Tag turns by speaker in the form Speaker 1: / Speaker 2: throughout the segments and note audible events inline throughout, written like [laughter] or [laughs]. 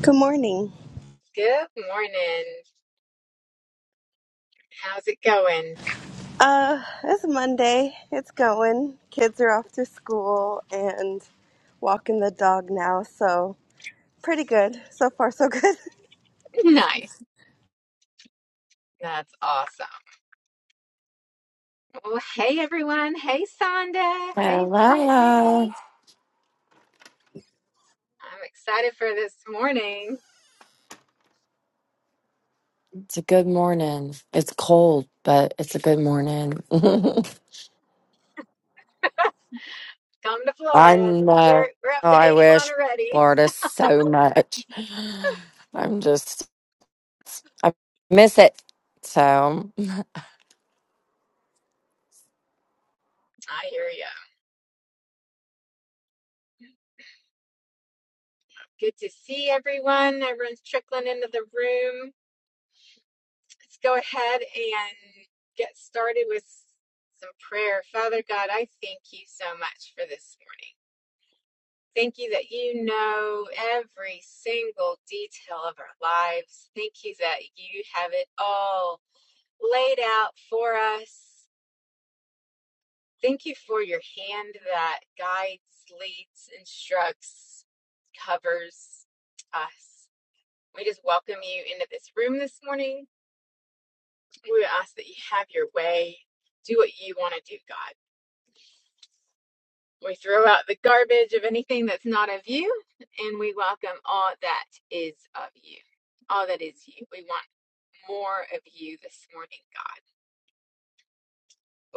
Speaker 1: Good morning.
Speaker 2: Good morning. How's it going?
Speaker 1: Uh, it's Monday. It's going. Kids are off to school and walking the dog now, so pretty good. So far, so good.
Speaker 2: [laughs] Nice. That's awesome. Well, hey everyone. Hey Sonda. Hey Brittany.
Speaker 3: Hello.
Speaker 2: I'm excited for this morning.
Speaker 3: It's a good morning. It's cold, but it's a good morning. [laughs]
Speaker 2: Come to
Speaker 3: I
Speaker 2: Florida.
Speaker 3: know.
Speaker 2: We're we're up
Speaker 3: Oh,
Speaker 2: to
Speaker 3: I
Speaker 2: 81
Speaker 3: wish
Speaker 2: already.
Speaker 3: Florida so much. I'm just, I miss it. So,
Speaker 2: I hear ya. Good to see everyone. Everyone's trickling into the room. Let's go ahead and get started with some prayer. Father God, I thank you so much for this morning. Thank you that you know every single detail of our lives. Thank you that you have it all laid out for us. Thank you for your hand that guides, leads, instructs, covers us. We just welcome you into this room this morning. We ask that you have your way. Do what you want to do, God. We throw out the garbage of anything that's not of you, and we welcome all that is of you. All that is you. We want more of you this morning, God.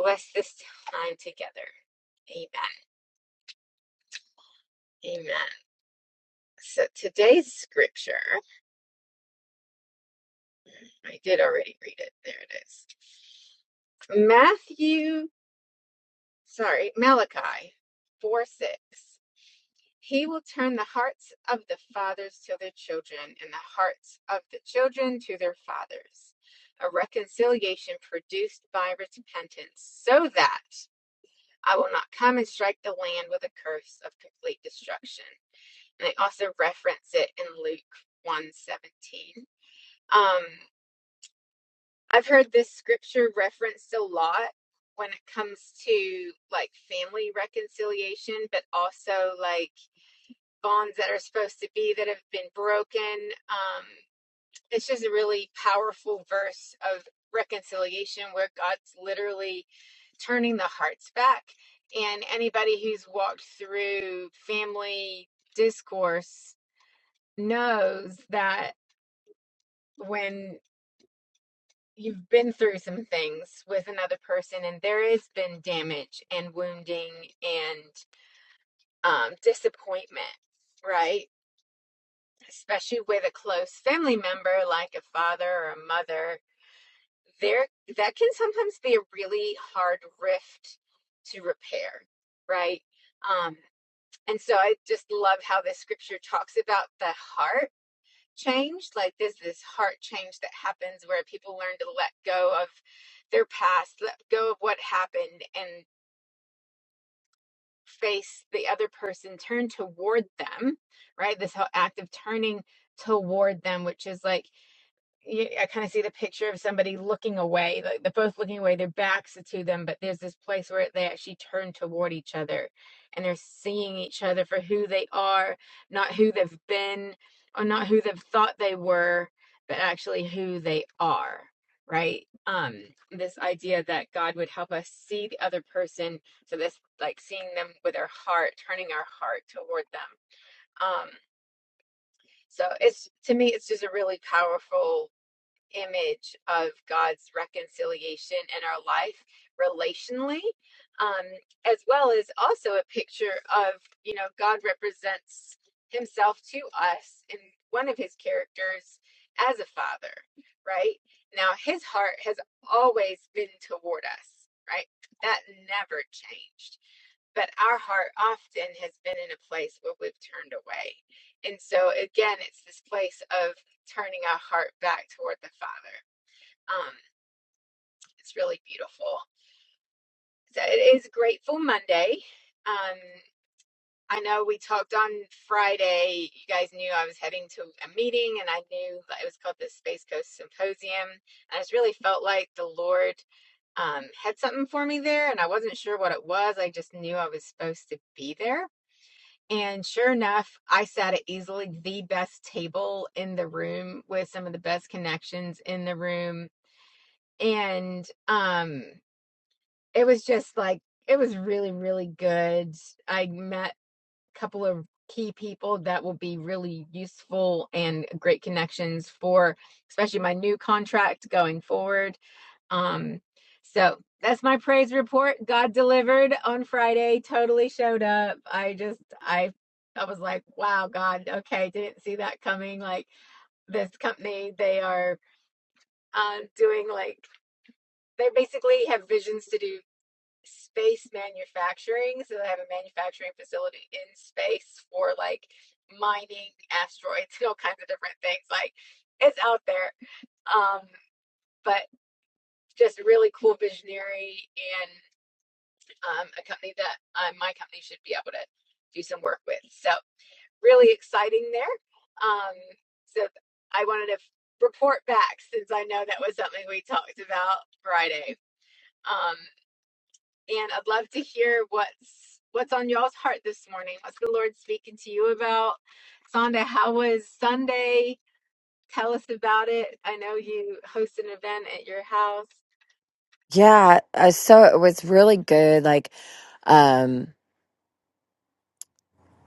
Speaker 2: Bless this time together. Amen. Amen. So today's scripture, I did already read it. There it is. Matthew, sorry, Malachi 4 6. He will turn the hearts of the fathers to their children and the hearts of the children to their fathers, a reconciliation produced by repentance, so that I will not come and strike the land with a curse of complete destruction. And they also reference it in Luke 117. Um, I've heard this scripture referenced a lot when it comes to like family reconciliation, but also like bonds that are supposed to be that have been broken. Um, it's just a really powerful verse of reconciliation where God's literally turning the hearts back. And anybody who's walked through family discourse knows that when you've been through some things with another person and there has been damage and wounding and um, disappointment, right? especially with a close family member like a father or a mother, there that can sometimes be a really hard rift to repair, right? Um, and so I just love how the scripture talks about the heart change. Like there's this heart change that happens where people learn to let go of their past, let go of what happened, and face the other person, turn toward them, right? This whole act of turning toward them, which is like I kind of see the picture of somebody looking away. Like they're both looking away. Their backs are to them, but there's this place where they actually turn toward each other, and they're seeing each other for who they are, not who they've been, or not who they've thought they were, but actually who they are. Right? Um, this idea that God would help us see the other person, so this like seeing them with our heart, turning our heart toward them. Um, so it's to me, it's just a really powerful image of God's reconciliation in our life relationally, um, as well as also a picture of, you know, God represents himself to us in one of his characters as a father, right? Now, his heart has always been toward us, right? That never changed but our heart often has been in a place where we've turned away. And so again, it's this place of turning our heart back toward the Father. Um, it's really beautiful. So it is Grateful Monday. Um, I know we talked on Friday. You guys knew I was heading to a meeting, and I knew that it was called the Space Coast Symposium. I just really felt like the Lord um, had something for me there, and I wasn't sure what it was. I just knew I was supposed to be there And sure enough, I sat at easily the best table in the room with some of the best connections in the room. And um it was just like it was really, really good. I met a couple of key people that will be really useful and great connections for especially my new contract going forward um, so that's my praise report. God delivered on Friday, totally showed up. I just I I was like, wow, God, okay, didn't see that coming. Like this company, they are uh, doing like they basically have visions to do space manufacturing. So they have a manufacturing facility in space for like mining asteroids [laughs] and all kinds of different things. Like it's out there. Um, but just really cool visionary and. um, a company that uh, my company should be able to do some work with. So really exciting there. Um, so I wanted to report back since I know that was something we talked about Friday. Um, and I'd love to hear what's what's on y'all's heart this morning. What's the Lord speaking to you about? Sonda, how was Sunday? Tell us about it. I know you host an event at your house.
Speaker 3: yeah. uh, So it was really good. Like, um,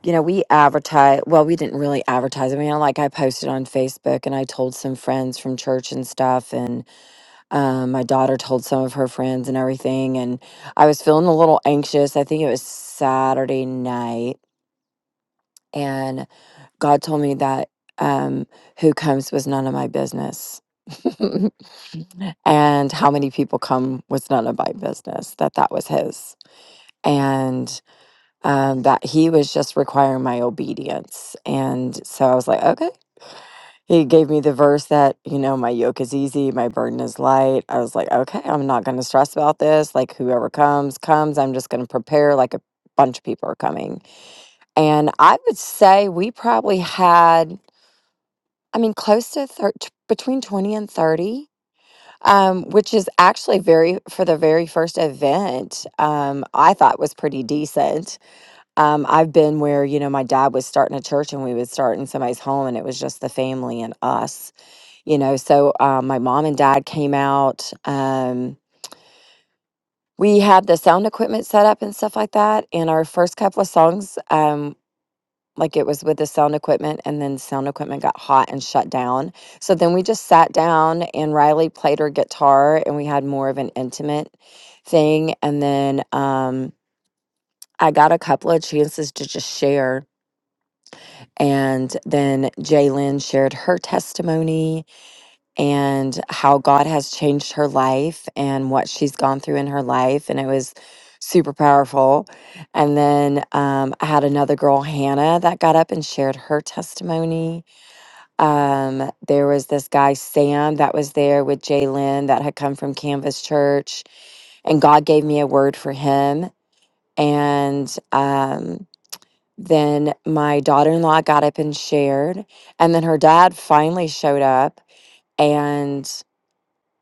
Speaker 3: you know, we advertise, well, we didn't really advertise. I mean, like I posted on Facebook and I told some friends from church and stuff Um, my daughter told some of her friends and everything, and I was feeling a little anxious. I think it was Saturday night, and God told me that um, who comes was none of my business. [laughs] and how many people come was none of my business that that was his and um, that he was just requiring my obedience and so i was like okay he gave me the verse that, you know, my yoke is easy, my burden is light. I was like, okay, I'm not going to stress about this. Like, whoever comes, comes. I'm just going to prepare like a bunch of people are coming. And I would say we probably had, I mean, close to thir- t- between 20 and 30, um, which is actually very, for the very first event, um, I thought was pretty decent. Um, I've been where, you know, my dad was starting a church and we would start in somebody's home and it was just the family and us you know so um, my mom and dad came out um, we had the sound equipment set up and stuff like that and our first couple of songs um, like it was with the sound equipment and then sound equipment got hot and shut down so then we just sat down and riley played her guitar and we had more of an intimate thing and then um, i got a couple of chances to just share and then Jalen shared her testimony and how God has changed her life and what she's gone through in her life. And it was super powerful. And then um, I had another girl, Hannah, that got up and shared her testimony. Um, there was this guy, Sam, that was there with Jalen that had come from Canvas Church. And God gave me a word for him. And um, then my daughter in law got up and shared. And then her dad finally showed up. And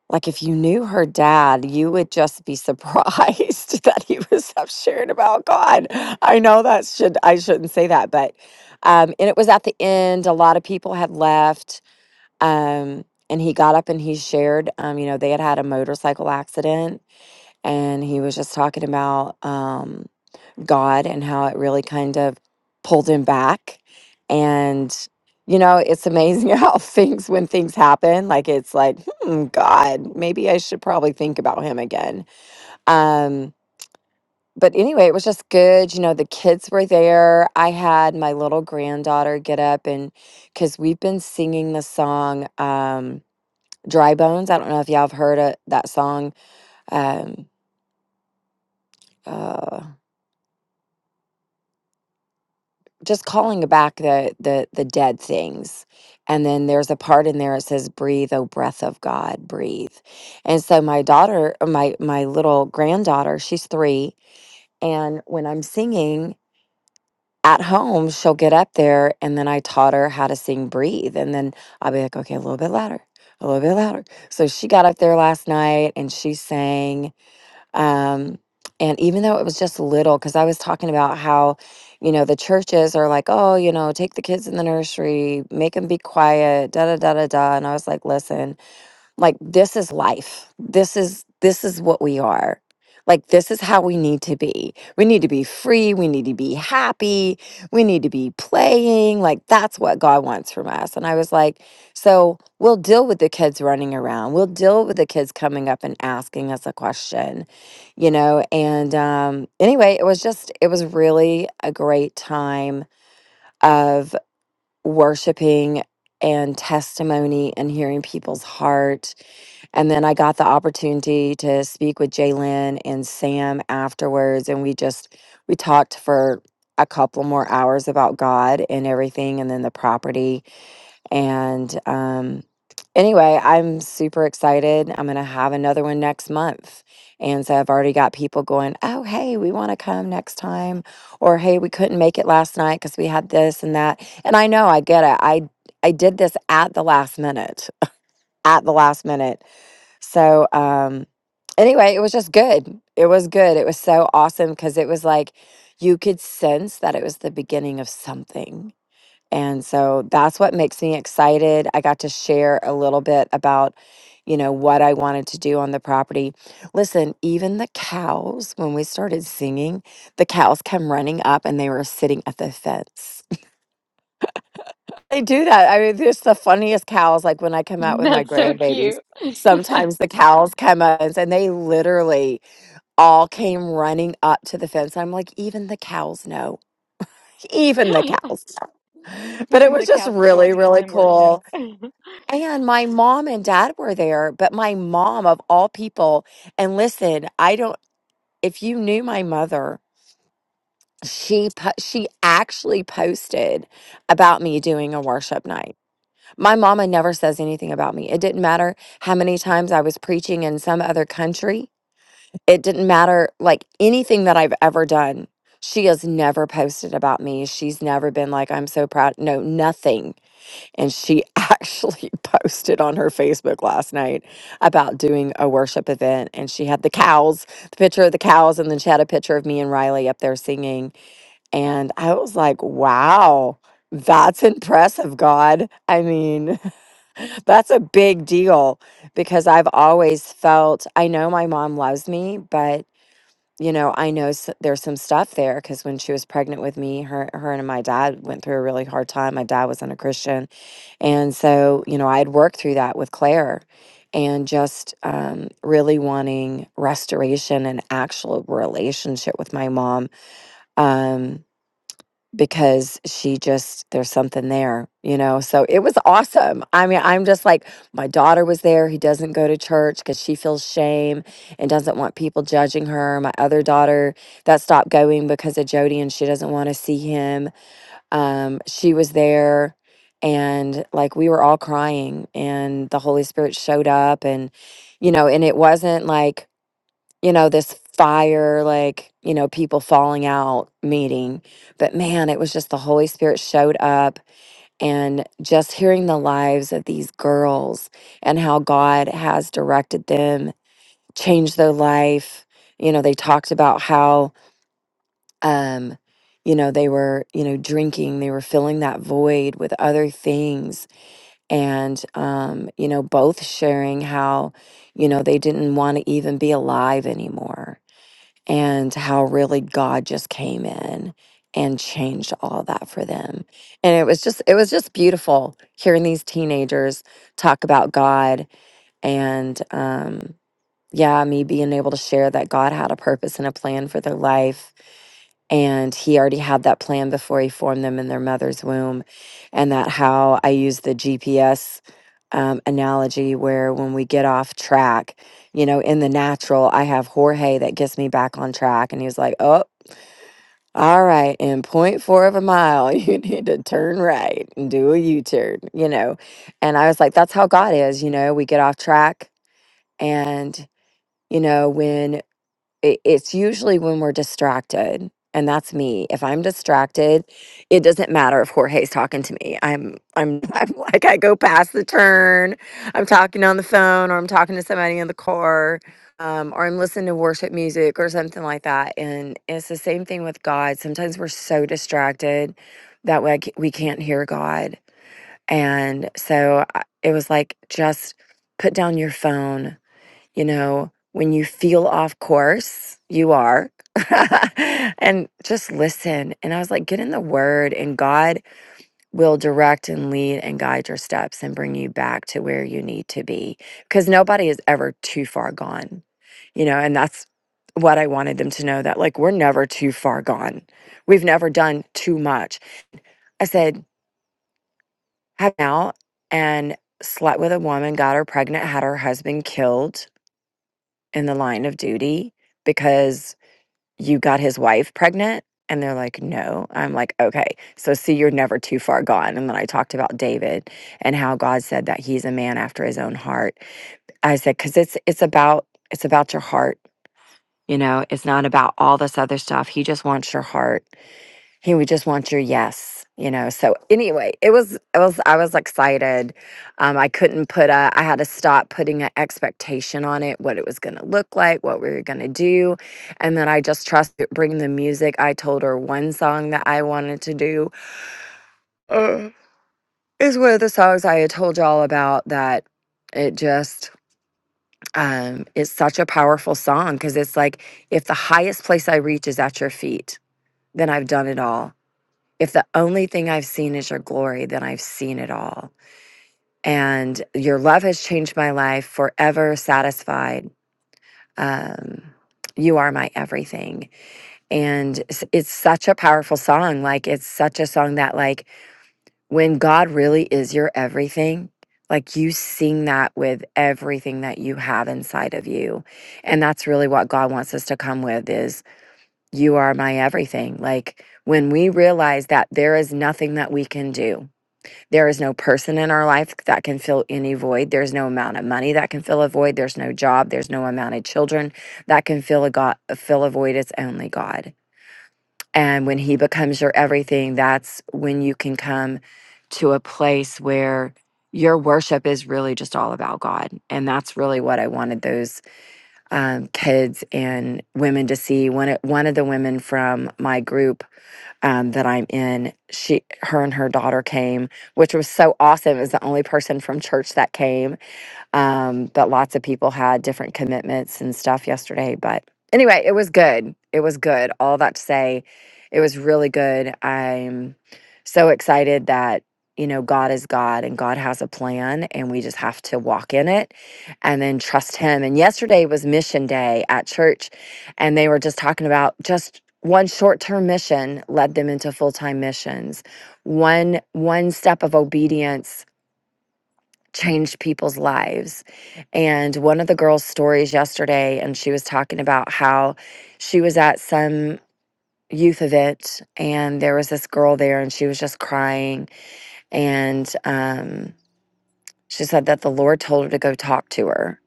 Speaker 3: like if you knew her dad, you would just be surprised [laughs] that he was up sharing about God. I know that should I shouldn't say that, but um, and it was at the end. A lot of people had left, um, and he got up and he shared. Um, you know, they had had a motorcycle accident, and he was just talking about. Um, God and how it really kind of pulled him back. And, you know, it's amazing [laughs] how things, when things happen, like it's like, hmm, God, maybe I should probably think about him again. Um, but anyway, it was just good. You know, the kids were there. I had my little granddaughter get up and because we've been singing the song um, Dry Bones. I don't know if y'all have heard of that song. Um, uh, just calling back the the the dead things and then there's a part in there that says breathe O breath of god breathe and so my daughter uh, my my little granddaughter she's three and when i'm singing at home she'll get up there and then i taught her how to sing breathe and then i'll be like okay a little bit louder a little bit louder so she got up there last night and she sang um, and even though it was just little, because I was talking about how, you know, the churches are like, oh, you know, take the kids in the nursery, make them be quiet, da da da da da. And I was like, listen, like this is life this is this is what we are like this is how we need to be we need to be free we need to be happy we need to be playing like that's what god wants from us and i was like so we'll deal with the kids running around we'll deal with the kids coming up and asking us a question you know and um anyway it was just it was really a great time of worshiping and testimony and hearing people's heart. And then I got the opportunity to speak with Jalen and Sam afterwards, and we just we talked for a couple more hours about God and everything, and then the property and um, anyway, I'm super excited. I'm going to have another one next month. And so I've already got people going, oh, hey, we want to come next time. Or, hey, we couldn't make it last night because we had this and that. And I know I get it. I, I did this at the last minute, at the last minute. So, um, anyway, it was just good. It was good. It was so awesome because it was like you could sense that it was the beginning of something and so that's what makes me excited. I got to share a little bit about, you know, what I wanted to do on the property. Listen, even the cows, when we started singing, the cows come running up and they were sitting at the fence. [laughs] They do that. I mean, there's the funniest cows. Like when I
Speaker 2: [laughs]
Speaker 3: come out with my
Speaker 2: That's so
Speaker 3: grandbabies,
Speaker 2: cute.
Speaker 3: sometimes the cows come up and and they literally all came running up to the fence. I'm like, even the cows know. Even the
Speaker 2: [laughs]
Speaker 3: cows know. [laughs] But it
Speaker 2: Even
Speaker 3: was
Speaker 2: the
Speaker 3: just
Speaker 2: cows are
Speaker 3: really,
Speaker 2: joining us
Speaker 3: really
Speaker 2: in worship.
Speaker 3: cool
Speaker 2: [laughs]
Speaker 3: And my mom and dad were there, but my mom, of all people, and listen, I don't, if you knew my mother, she po- she actually posted about me doing a worship night. My mama never says anything about me. It didn't matter how many times I was preaching in some other country. It didn't matter like anything that I've ever done. She has never posted about me. She's never been like I'm so proud. No, nothing. And she [laughs] actually posted on her Facebook last night about doing a worship event. And she had the cows, the picture of the cows, and then she had a picture of me and Riley up there singing. And I was like, wow, that's impressive, God. I mean, [laughs] that's a big deal because I've always felt, I know my mom loves me, but. You know, I know s- there's some stuff there because when she was pregnant with me, her, her and my dad went through a really hard time. My dad wasn't a Christian, and so, you know, I had worked through that with Claire and just um, really wanting restoration and actual relationship with my mom um, because she just, there's something there, you know? So it was awesome. I mean, I'm just like, my daughter was there He doesn't go to church because she feels shame and doesn't want people judging her. My other daughter that stopped going because of Jody and she doesn't want to see him um, she was there and like we were all crying and the holy spirit showed up and you know and it wasn't like you know this fire like you know people falling out meeting but man it was just the holy spirit showed up and just hearing the lives of these girls and how god has directed them changed their life you know they talked about how um you know they were you know drinking they were filling that void with other things and um you know both sharing how you know they didn't want to even be alive anymore and how really god just came in and changed all that for them and it was just it was just beautiful hearing these teenagers talk about god and um yeah me being able to share that god had a purpose and a plan for their life and he already had that plan before he formed them in their mother's womb and that how i use the gps um, analogy where when we get off track you know in the natural i have jorge that gets me back on track and he was like oh all right in point four of a mile [laughs] you need to turn right and do a u-turn you know and i was like that's how god is you know we get off track and you know when it, it's usually when we're distracted and that's me if i'm distracted it doesn't matter if jorge's talking to me i'm i'm [laughs] i'm like i go past the turn i'm talking on the phone or i'm talking to somebody in the car um, or i'm listening to worship music or something like that and it's the same thing with god sometimes we're so distracted that we, we can't hear god and so I- it was like just put down your phone you know, when you feel off course, you are. [laughs] and just listen. And I was like, get in the word, and God will direct and lead and guide your steps and bring you back to where you need to be. Because nobody is ever too far gone, you know, and that's what I wanted them to know that, like, we're never too far gone. We've never done too much. I said, have out and slept with a woman, got her pregnant, had her husband killed in the line of duty because you got his wife pregnant? And they're like, no. I'm like, okay. So, see, you're never too far gone. And then I talked about David and how God said that he's a man after his own heart. I said, because it's, it's about, it's about your heart. You know, it's not about all this other stuff. He just wants your heart. Hey, we just want your yes, you know. So anyway, it was it was I was excited. Um, I couldn't put a I had to stop putting an expectation on it, what it was gonna look like, what we were gonna do. And then I just trust bring the music. I told her one song that I wanted to do. Uh, is one of the songs I had told y'all about that it just um it's such a powerful song because it's like if the highest place I reach is at your feet, then I've done it all If the only thing I've seen is your glory, then I've seen it all. And your love has changed my life forever, satisfied. Um, you are my everything. And s- it's such a powerful song. Like, it's such a song that, like, when God really is your everything, like, you sing that with everything that you have inside of you. And that's really what God wants us to come with is, you are my everything. Like, when we realize that there is nothing that we can do There is no person in our life that can fill any void. There's no amount of money that can fill a void. There's no job. There's no amount of children that can fill a God, fill a void. It's only God. And when He becomes your everything, that's when you can come to a place where your worship is really just all about God. And that's really what I wanted those um, kids and women to see. One, one of the women from my group um, that I'm in. She, her, and her daughter came, which was so awesome. It was the only person from church that came, um, but lots of people had different commitments and stuff yesterday. But anyway, it was good. It was good. All that to say, it was really good. I'm so excited that, you know, God is God and God has a plan and we just have to walk in it and then trust Him. And yesterday was mission day at church and they were just talking about just one short-term mission led them into full-time missions one one step of obedience changed people's lives. And one of the girls' stories yesterday, and she was talking about how she was at some youth event and there was this girl there and she was just crying. And um, she said that the Lord told her to go talk to her.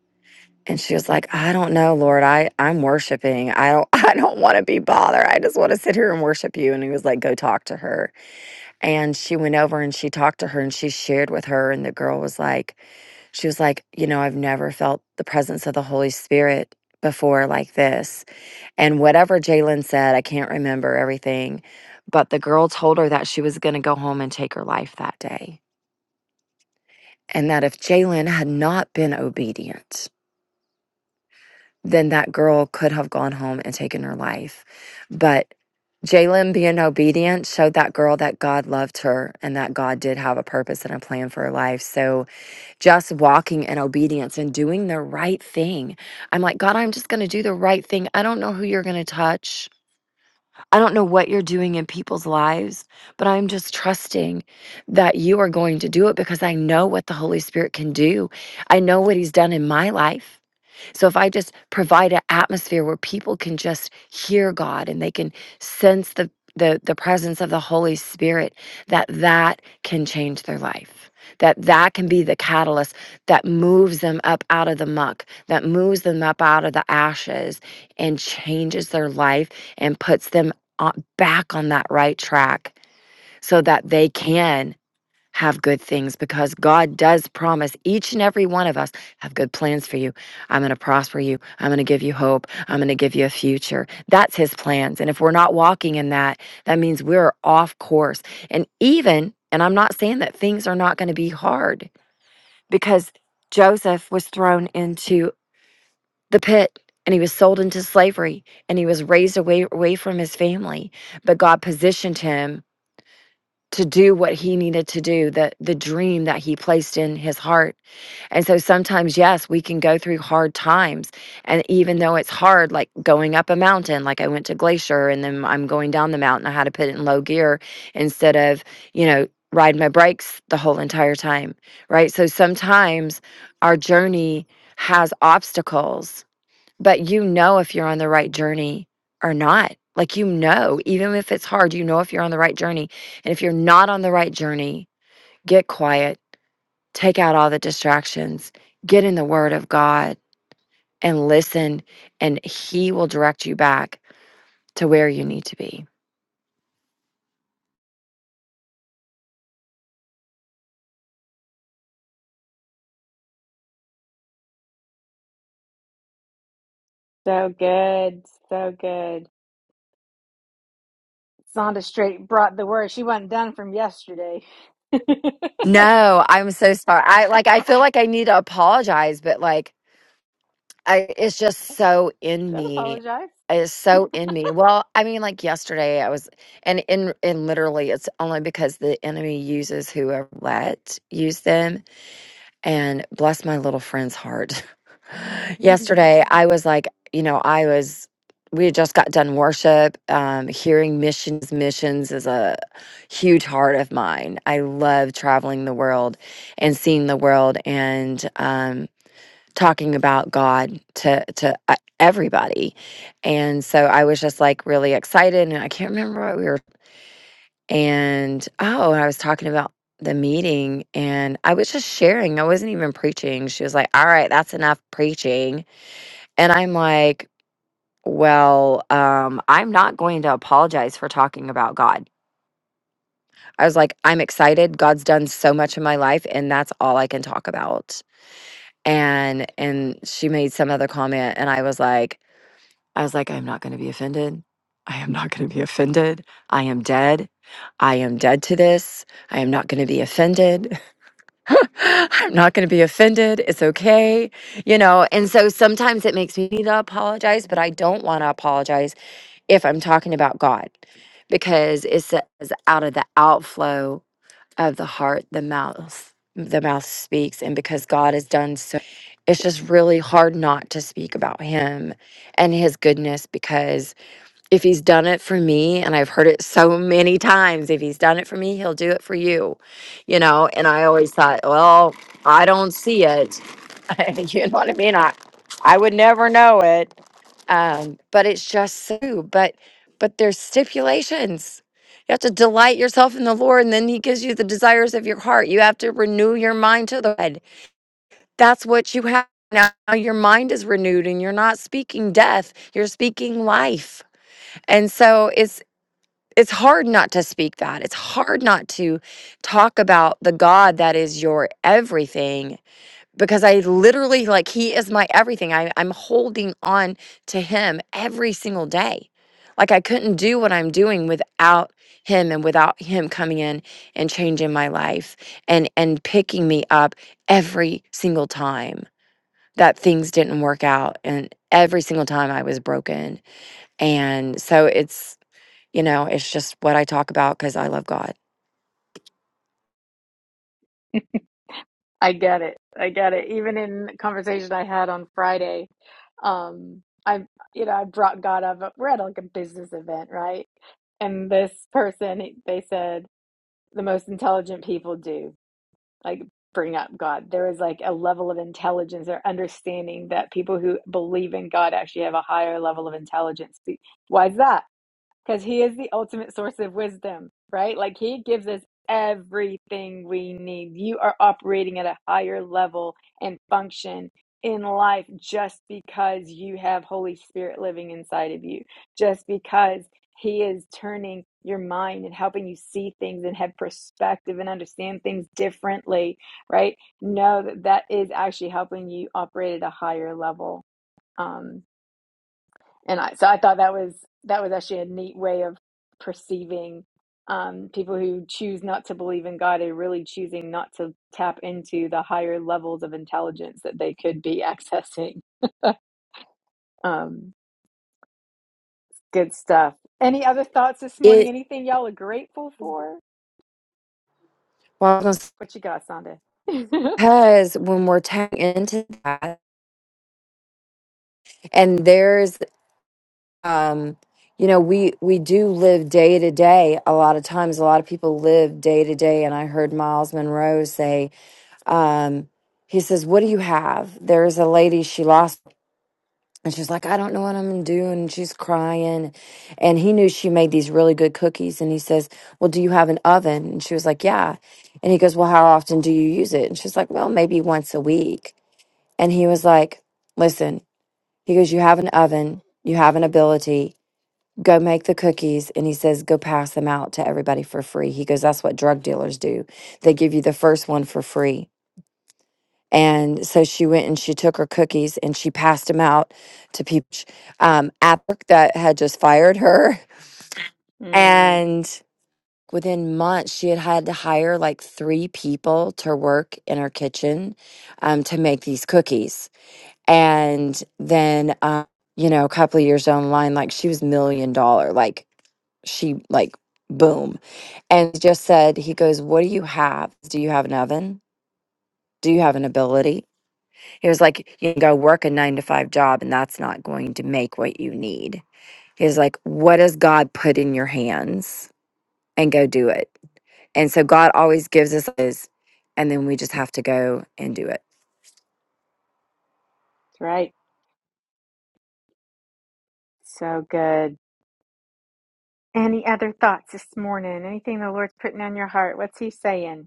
Speaker 3: And she was like, I don't know, Lord. I, I'm worshiping. I don't [laughs] I don't want to be bothered. I just want to sit here and worship you. And he was like, go talk to her. And she went over and she talked to her and she shared with her. And the girl was like, she was like, You know, I've never felt the presence of the Holy Spirit before like this. And whatever Jalen said, I can't remember everything, but the girl told her that she was going to go home and take her life that day. And that if Jalen had not been obedient, then that girl could have gone home and taken her life. But Jalen being obedient showed that girl that God loved her and that God did have a purpose and a plan for her life. So, just walking in obedience and doing the right thing. I'm like, God, I'm just going to do the right thing. I don't know who you're going to touch. I don't know what you're doing in people's lives, but I'm just trusting that you are going to do it because I know what the Holy Spirit can do. I know what He's done in my life. So if I just provide an atmosphere where people can just hear God and they can sense the the the presence of the Holy Spirit that that can change their life. That that can be the catalyst that moves them up out of the muck, that moves them up out of the ashes and changes their life and puts them on, back on that right track so that they can have good things because God does promise each and every one of us have good plans for you. I'm going to prosper you. I'm going to give you hope. I'm going to give you a future. That's his plans. And if we're not walking in that, that means we're off course. And even, and I'm not saying that things are not going to be hard because Joseph was thrown into the pit and he was sold into slavery and he was raised away away from his family but God positioned him to do what he needed to do, the the dream that he placed in his heart. And so sometimes, yes, we can go through hard times. And even though it's hard, like going up a mountain, like I went to Glacier and then I'm going down the mountain, I had to put it in low gear instead of, you know, ride my brakes the whole entire time. Right. So sometimes our journey has obstacles but you know if you're on the right journey or not. Like, you know, even if it's hard, you know if you're on the right journey. And if you're not on the right journey, get quiet, take out all the distractions, get in the Word of God and listen, and He will direct you back to where you need to be.
Speaker 2: So good. So good. Zonda straight brought the word. She wasn't done from yesterday. [laughs]
Speaker 3: No, I'm so sorry. I like, I feel
Speaker 2: Don't
Speaker 3: like I need to apologize, but like, I it's just so in me.
Speaker 2: apologize.
Speaker 3: It's so in me. Well, I mean, like yesterday, I was, and in and literally, it's only because the enemy uses whoever let use them, and bless my little friend's heart. [laughs]
Speaker 2: [laughs]
Speaker 3: yesterday, I was like, you know, I was. We had just got done worship. Um, hearing missions, missions is a huge heart of mine. I love traveling the world and seeing the world, and um, talking about God to to uh, everybody. And so I was just like really excited and I can't remember what we were and oh, and I was talking about the meeting and I was just sharing. I wasn't even preaching. She was like, "All right, that's enough preaching." And I'm like, "Well, um I'm not going to apologize for talking about God." I was like, "I'm excited. God's done so much in my life and that's all I can talk about." And and she made some other comment and I was like, I was like, I'm not going to be offended. I am not going to be offended. I am dead. I am dead to this. I am not going to be offended. [laughs] I'm not going to be offended. It's okay. You know, and so sometimes it makes me need to apologize, but I don't want to apologize if I'm talking about God because it says out of the outflow of the heart the mouth the mouth speaks and because god has done so it's just really hard not to speak about him and his goodness because if he's done it for me and i've heard it so many times if he's done it for me he'll do it for you you know and i always thought well i don't see it [laughs] you know what i mean i i would never know it um, but it's just so. But but there's stipulations. You have to delight yourself in the Lord, and then He gives you the desires of your heart. You have to renew your mind to the Lord. That's what you have now. Your mind is renewed, and you're not speaking death. You're speaking life, and so it's. It's hard not to speak that. It's hard not to talk about the God that is your everything because I literally like he is my everything. I, I'm holding on to him every single day. Like I couldn't do what I'm doing without him and without him coming in and changing my life and and picking me up every single time that things didn't work out and every single time I was broken. And so it's you know, it's just what I talk about cuz I love God.
Speaker 2: I get it. I get it. Even in the conversation I had on Friday, um, I, you know, I brought God up. We're at like a business event, right? And this person, they said, the most intelligent people do. like bring up God. There is like a level of intelligence or understanding that people who believe in God actually have a higher level of intelligence. Why is that? because he is the ultimate source of wisdom, right? Like he gives us everything we need. You are operating at a higher level and function in life just because you have Holy Spirit living inside of you, just because he is turning your mind and helping you see things and have perspective and understand things differently, right? Know that that is actually helping you operate at a higher level. Um, and I, so I thought that was that was actually a neat way of perceiving um, people who choose not to believe in God are really choosing not to tap into the higher levels of intelligence that they could be [laughs] accessing. Um, good stuff. Any other thoughts this morning?
Speaker 3: It
Speaker 2: Anything y'all are grateful for?
Speaker 3: well, I was gonna say,
Speaker 2: What you got, Sonda? [laughs]
Speaker 3: Because when we're tapping into that, and there's, um, you know, we we do live day to day. A lot of times, a lot of people live day to day. And I heard Miles Monroe say, um, he says, "What do you have?" There's a lady. She lost. And she's like, I don't know what I'm gonna do. And she's crying. And he knew she made these really good cookies. And he says, Well, do you have an oven? And she was like, Yeah. And he goes, Well, how often do you use it? And she's like, Well, maybe once a week. And he was like, Listen, he goes, You have an oven, you have an ability, go make the cookies. And he says, Go pass them out to everybody for free. He goes, That's what drug dealers do. They give you the first one for free. And so she went and she took her cookies and she passed them out to people um, at work that had just fired her. [laughs]
Speaker 2: mm,
Speaker 3: And within months, she had had to hire like three people to work in her kitchen um, to make these cookies. And then, uh, you know, a couple of years down the line, like she was million dollar, like she, like, boom. And he just said, he goes, What do you have? Do you have an oven? Do you have an ability? He was like, you can go work a nine to five job and that's not going to make what you need. He was like, what does God put in your hands and go do it? And so God always gives us is, and then we just have to go and do it.
Speaker 2: that's right. So good. Any other thoughts this morning? Anything the Lord's putting on your heart? What's He saying?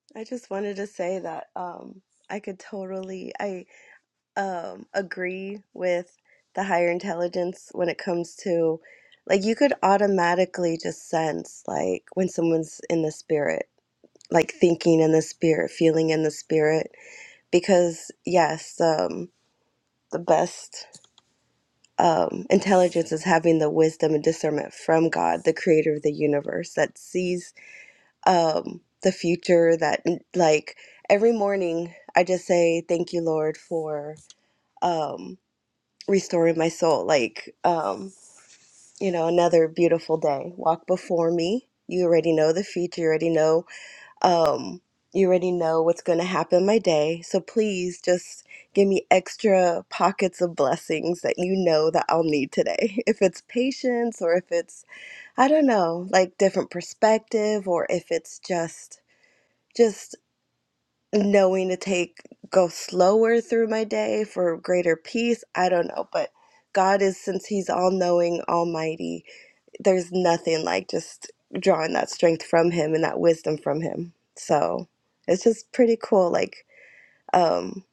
Speaker 1: [laughs] I just wanted to say that um, I could totally I um, agree with the higher intelligence when it comes to like you could automatically just sense like when someone's in the spirit, like thinking in the spirit, feeling in the spirit because yes, um the best um, intelligence is having the wisdom and discernment from God, the creator of the universe, that sees um, the future. That, like, every morning I just say, Thank you, Lord, for um, restoring my soul. Like, um, you know, another beautiful day. Walk before me. You already know the future. You already know um, you already know what's going to happen my day. So please just give me extra pockets of blessings that you know that I'll need today. [laughs] If it's patience or if it's I don't know, like different perspective or if it's just just knowing to take go slower through my day for greater peace, I don't know, but God is since he's all knowing, almighty, there's nothing like just drawing that strength from him and that wisdom from him. So it's just pretty cool, like, um,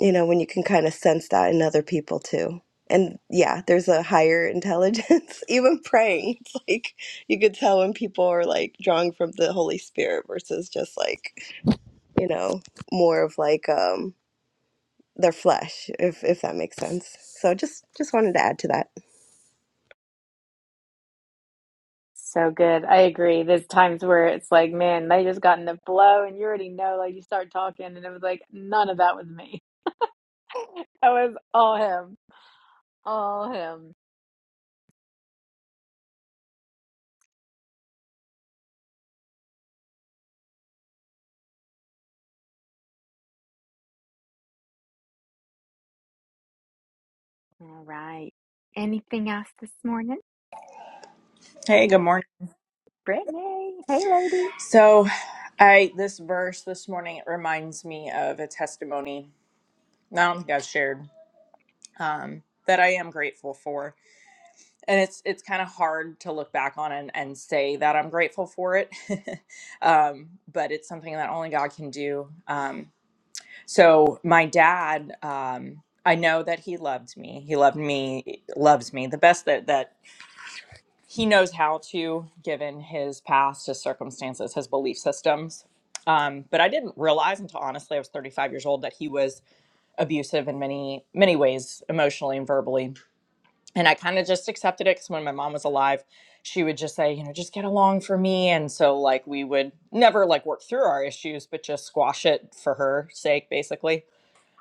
Speaker 1: you know, when you can kind of sense that in other people too. And yeah, there's a higher intelligence, [laughs] even praying. It's like you could tell when people are like drawing from the Holy Spirit versus just like, you know, more of like um their flesh, if if that makes sense. So just just wanted to add to that.
Speaker 2: So good. I agree. There's times where it's like, man, they just got the blow, and you already know, like, you start talking, and it was like, none of that was me. [laughs] That was all him. All him. All right. Anything else this morning?
Speaker 4: Hey, good morning.
Speaker 2: Brittany. Hey, lady.
Speaker 4: So, I this verse this morning it reminds me of a testimony. that I don't think I've shared um, that I am grateful for, and it's it's kind of hard to look back on and, and say that I'm grateful for it, [laughs] um, but it's something that only God can do. Um, so, my dad, um, I know that he loved me. He loved me, loves me the best that that he knows how to, given his past, his circumstances, his belief systems. Um, but I didn't realize until honestly I was 35 years old that he was abusive in many, many ways, emotionally and verbally. And I kind of just accepted it because when my mom was alive, she would just say, you know, just get along for me. And so, like, we would never like work through our issues, but just squash it for her sake, basically.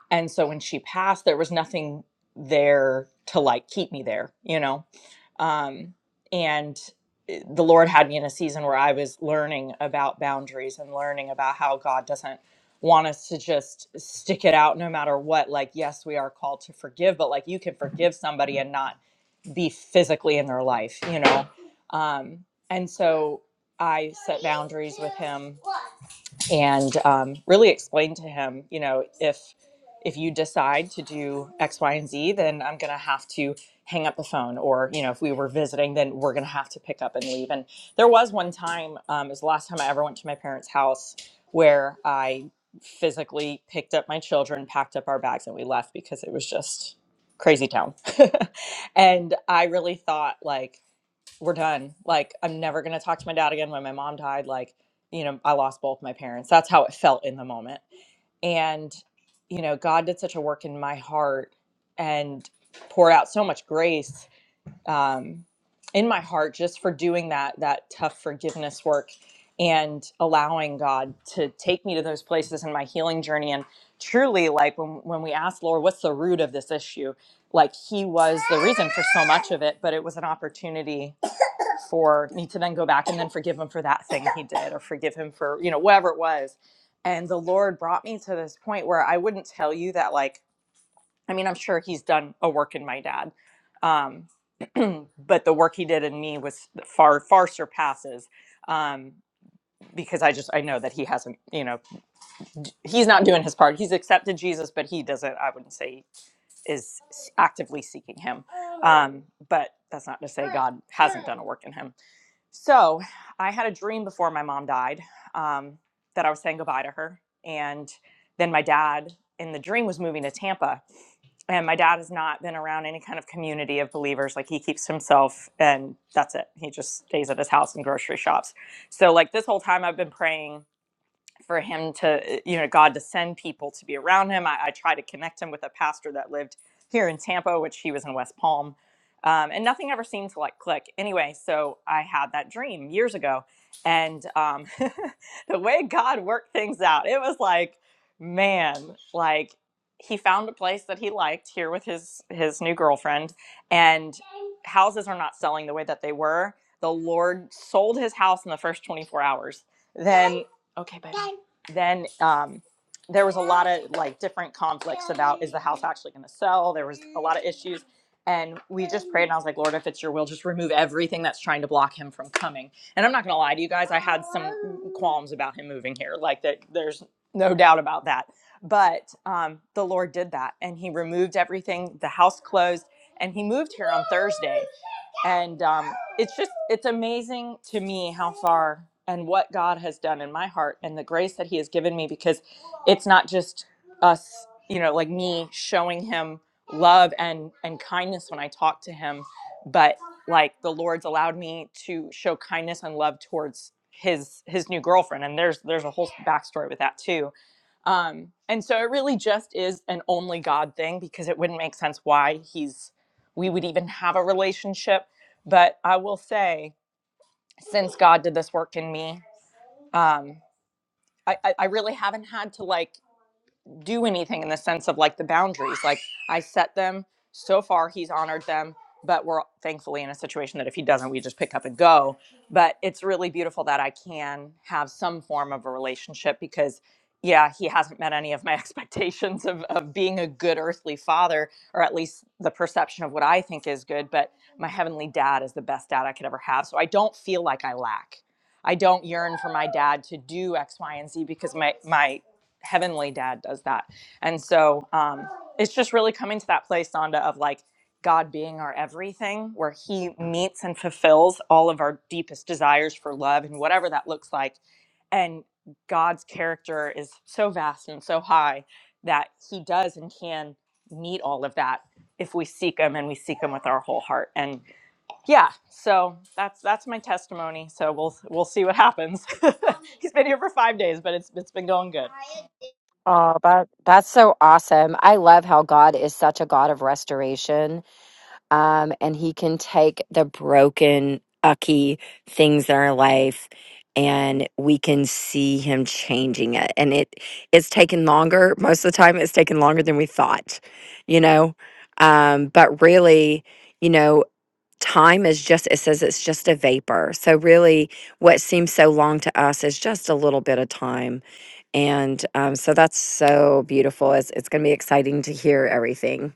Speaker 4: And so when she passed, there was nothing there to like keep me there, you know? Um, and eh, the Lord had me in a season where I was learning about boundaries and learning about how God doesn't want us to just stick it out no matter what. Like, yes, we are called to forgive, but like you can forgive somebody and not be physically in their life, you know? Um, and so I set boundaries with him and um, really explain to him, you know, if if you decide to do X, Y, and Z, then I'm going to have to hang up the phone, or you know, if we were visiting, then we're going to have to pick up and leave. And there was one time, um, it was the last time I ever went to my parents' house, where I physically picked up my children, packed up our bags, and we left because it was just crazy town. [laughs] and I really thought like we're done. Like, I'm never going to talk to my dad again. When my mom died, like, you know, I lost both my parents. That's how it felt in the moment. And, you know, God did such a work in my heart and poured out so much grace um, in my heart just for doing that, that tough forgiveness work and allowing God to take me to those places in my healing journey. And truly, like, when, when we asked Lord, what's the root of this issue? Like, He was the reason for so much of it, but it was an opportunity for me to then go back and then forgive him for that thing he did or forgive him for, you know, whatever it was. And the Lord brought me to this point where I wouldn't tell you that, like, I mean, I'm sure he's done a work in my dad. Um, [clears throat] but the work he did in me was far, far surpasses um, because I just, I know that he hasn't, you know, d- he's not doing his part. He's accepted Jesus, but he doesn't, I wouldn't say is actively seeking him. Um, but that's not to say God hasn't done a work in him so I had a dream before my mom died um, that I was saying goodbye to her. And then my dad in the dream was moving to Tampa. And my dad has not been around any kind of community of believers. Like he keeps himself and that's it. He just stays at his house and grocery shops. So, like, this whole time I've been praying for him to, you know, God to send people to be around him. I, I tried to connect him with a pastor that lived here in Tampa, which he was in West Palm. Um, and nothing ever seemed to like click. Anyway, so I had that dream years ago. And um, [laughs] the way God worked things out, it was like, man, like he found a place that he liked here with his his new girlfriend and houses are not selling the way that they were the lord sold his house in the first 24 hours then Okay, baby. Then um, there was a lot of like different conflicts about is the house actually going to sell? There was a lot of issues. And we just prayed, and I was like, Lord, if it's your will, just remove everything that's trying to block him from coming. And I'm not going to lie to you guys, I had some qualms about him moving here. Like, that, there's no doubt about that. But um, the Lord did that, and he removed everything. The house closed, and he moved here on Thursday and um, it's just it's amazing to me how far and what god has done in my heart and the grace that he has given me because it's not just us you know like me showing him love and and kindness when i talk to him but like the lord's allowed me to show kindness and love towards his his new girlfriend and there's there's a whole backstory with that too um, and so it really just is an only God thing because it wouldn't make sense why he's we would even have a relationship. But I will say, since God did this work in me, um, I, I, I really haven't had to like do anything in the sense of like the boundaries. Like I set them so far, he's honored them, but we're thankfully in a situation that if he doesn't, we just pick up and go. But it's really beautiful that I can have some form of a relationship because, yeah, he hasn't met any of my [laughs] expectations of, of being a good earthly father, or at least the perception of what I think is good. But my heavenly dad is the best dad I could ever have. So I don't feel like I lack. I don't yearn for my dad to do X, Y, and Z because my my heavenly dad does that. And so um, it's just really coming to that place, Sonda, of like God being our everything, where he meets and fulfills all of our deepest desires for love and whatever that looks like. And God's character is so vast and so high that he does and can meet all of that if we seek him and we seek him with our whole heart. And yeah, so that's that's my testimony. So we'll we'll see what happens. [laughs] He's been here for 5 days, but it's it's been going good.
Speaker 3: Oh, that that's so awesome. I love how God is such a God of restoration um, and he can take the broken, ucky things in our life, and we can see him changing it. And it it's taken longer. Most of the time, it's taken longer than we thought, you know. Um, but really, you know, time is just it says it's just a vapor. So really, what seems so long to us is just a little bit of time. And um, so that's so beautiful. It's it's going to be exciting to hear everything.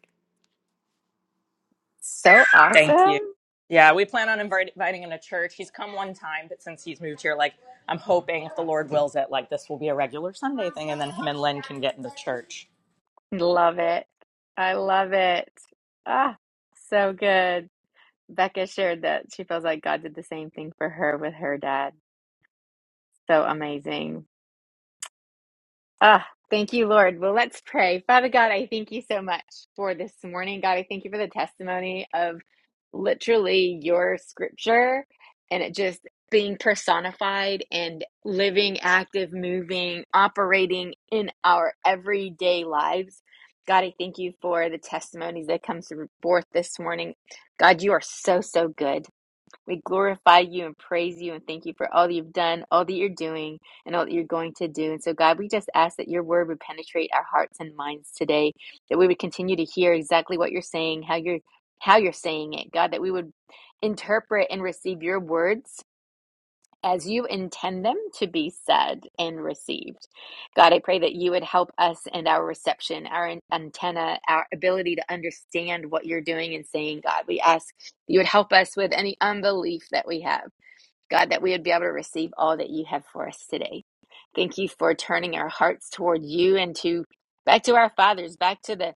Speaker 2: So
Speaker 4: Thank
Speaker 2: awesome.
Speaker 4: you. Yeah, we plan on invite, inviting him to church. He's come one time, but since he's moved here, like I'm hoping if the Lord wills it, like this will be a regular Sunday thing, and then him and Lynn can get into church.
Speaker 2: Love it. I love it. Ah, so good. Becca shared that she feels like God did the same thing for her with her dad. So amazing. Ah, thank you, Lord. Well, let's pray. Father God, I thank you so much for this morning. God, I thank you for the testimony of literally your scripture and it just being personified and living, active, moving, operating in our everyday lives. God, I thank you for the testimonies that comes forth this morning. God, you are so, so good. We glorify you and praise you and thank you for all that you've done, all that you're doing, and all that you're going to do. And so, God, we just ask that your word would penetrate our hearts and minds today, that we would continue to hear exactly what you're saying, how you're how you're saying it, God, that we would interpret and receive your words as you intend them to be said and received. God, I pray that you would help us in our reception, our antenna, our ability to understand what you're doing and saying, God. We ask you would help us with any unbelief that we have. God, that we would be able to receive all that you have for us today. Thank you for turning our hearts toward you and to back to our fathers, back to the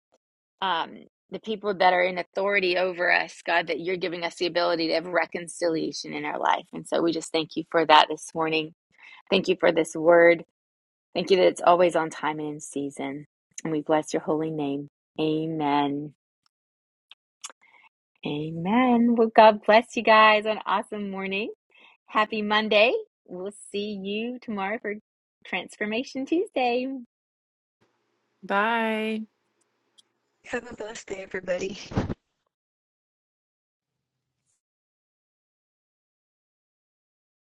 Speaker 2: um, the people that are in authority over us, God, that you're giving us the ability to have reconciliation in our life. And so we just thank you for that this morning. Thank you for this word. Thank you that it's always on time and in season. And we bless your holy name. Amen. Amen. Well, God bless you guys. An awesome morning. Happy Monday. We'll see you tomorrow for Transformation Tuesday.
Speaker 3: Bye.
Speaker 1: Have a blessed day, everybody.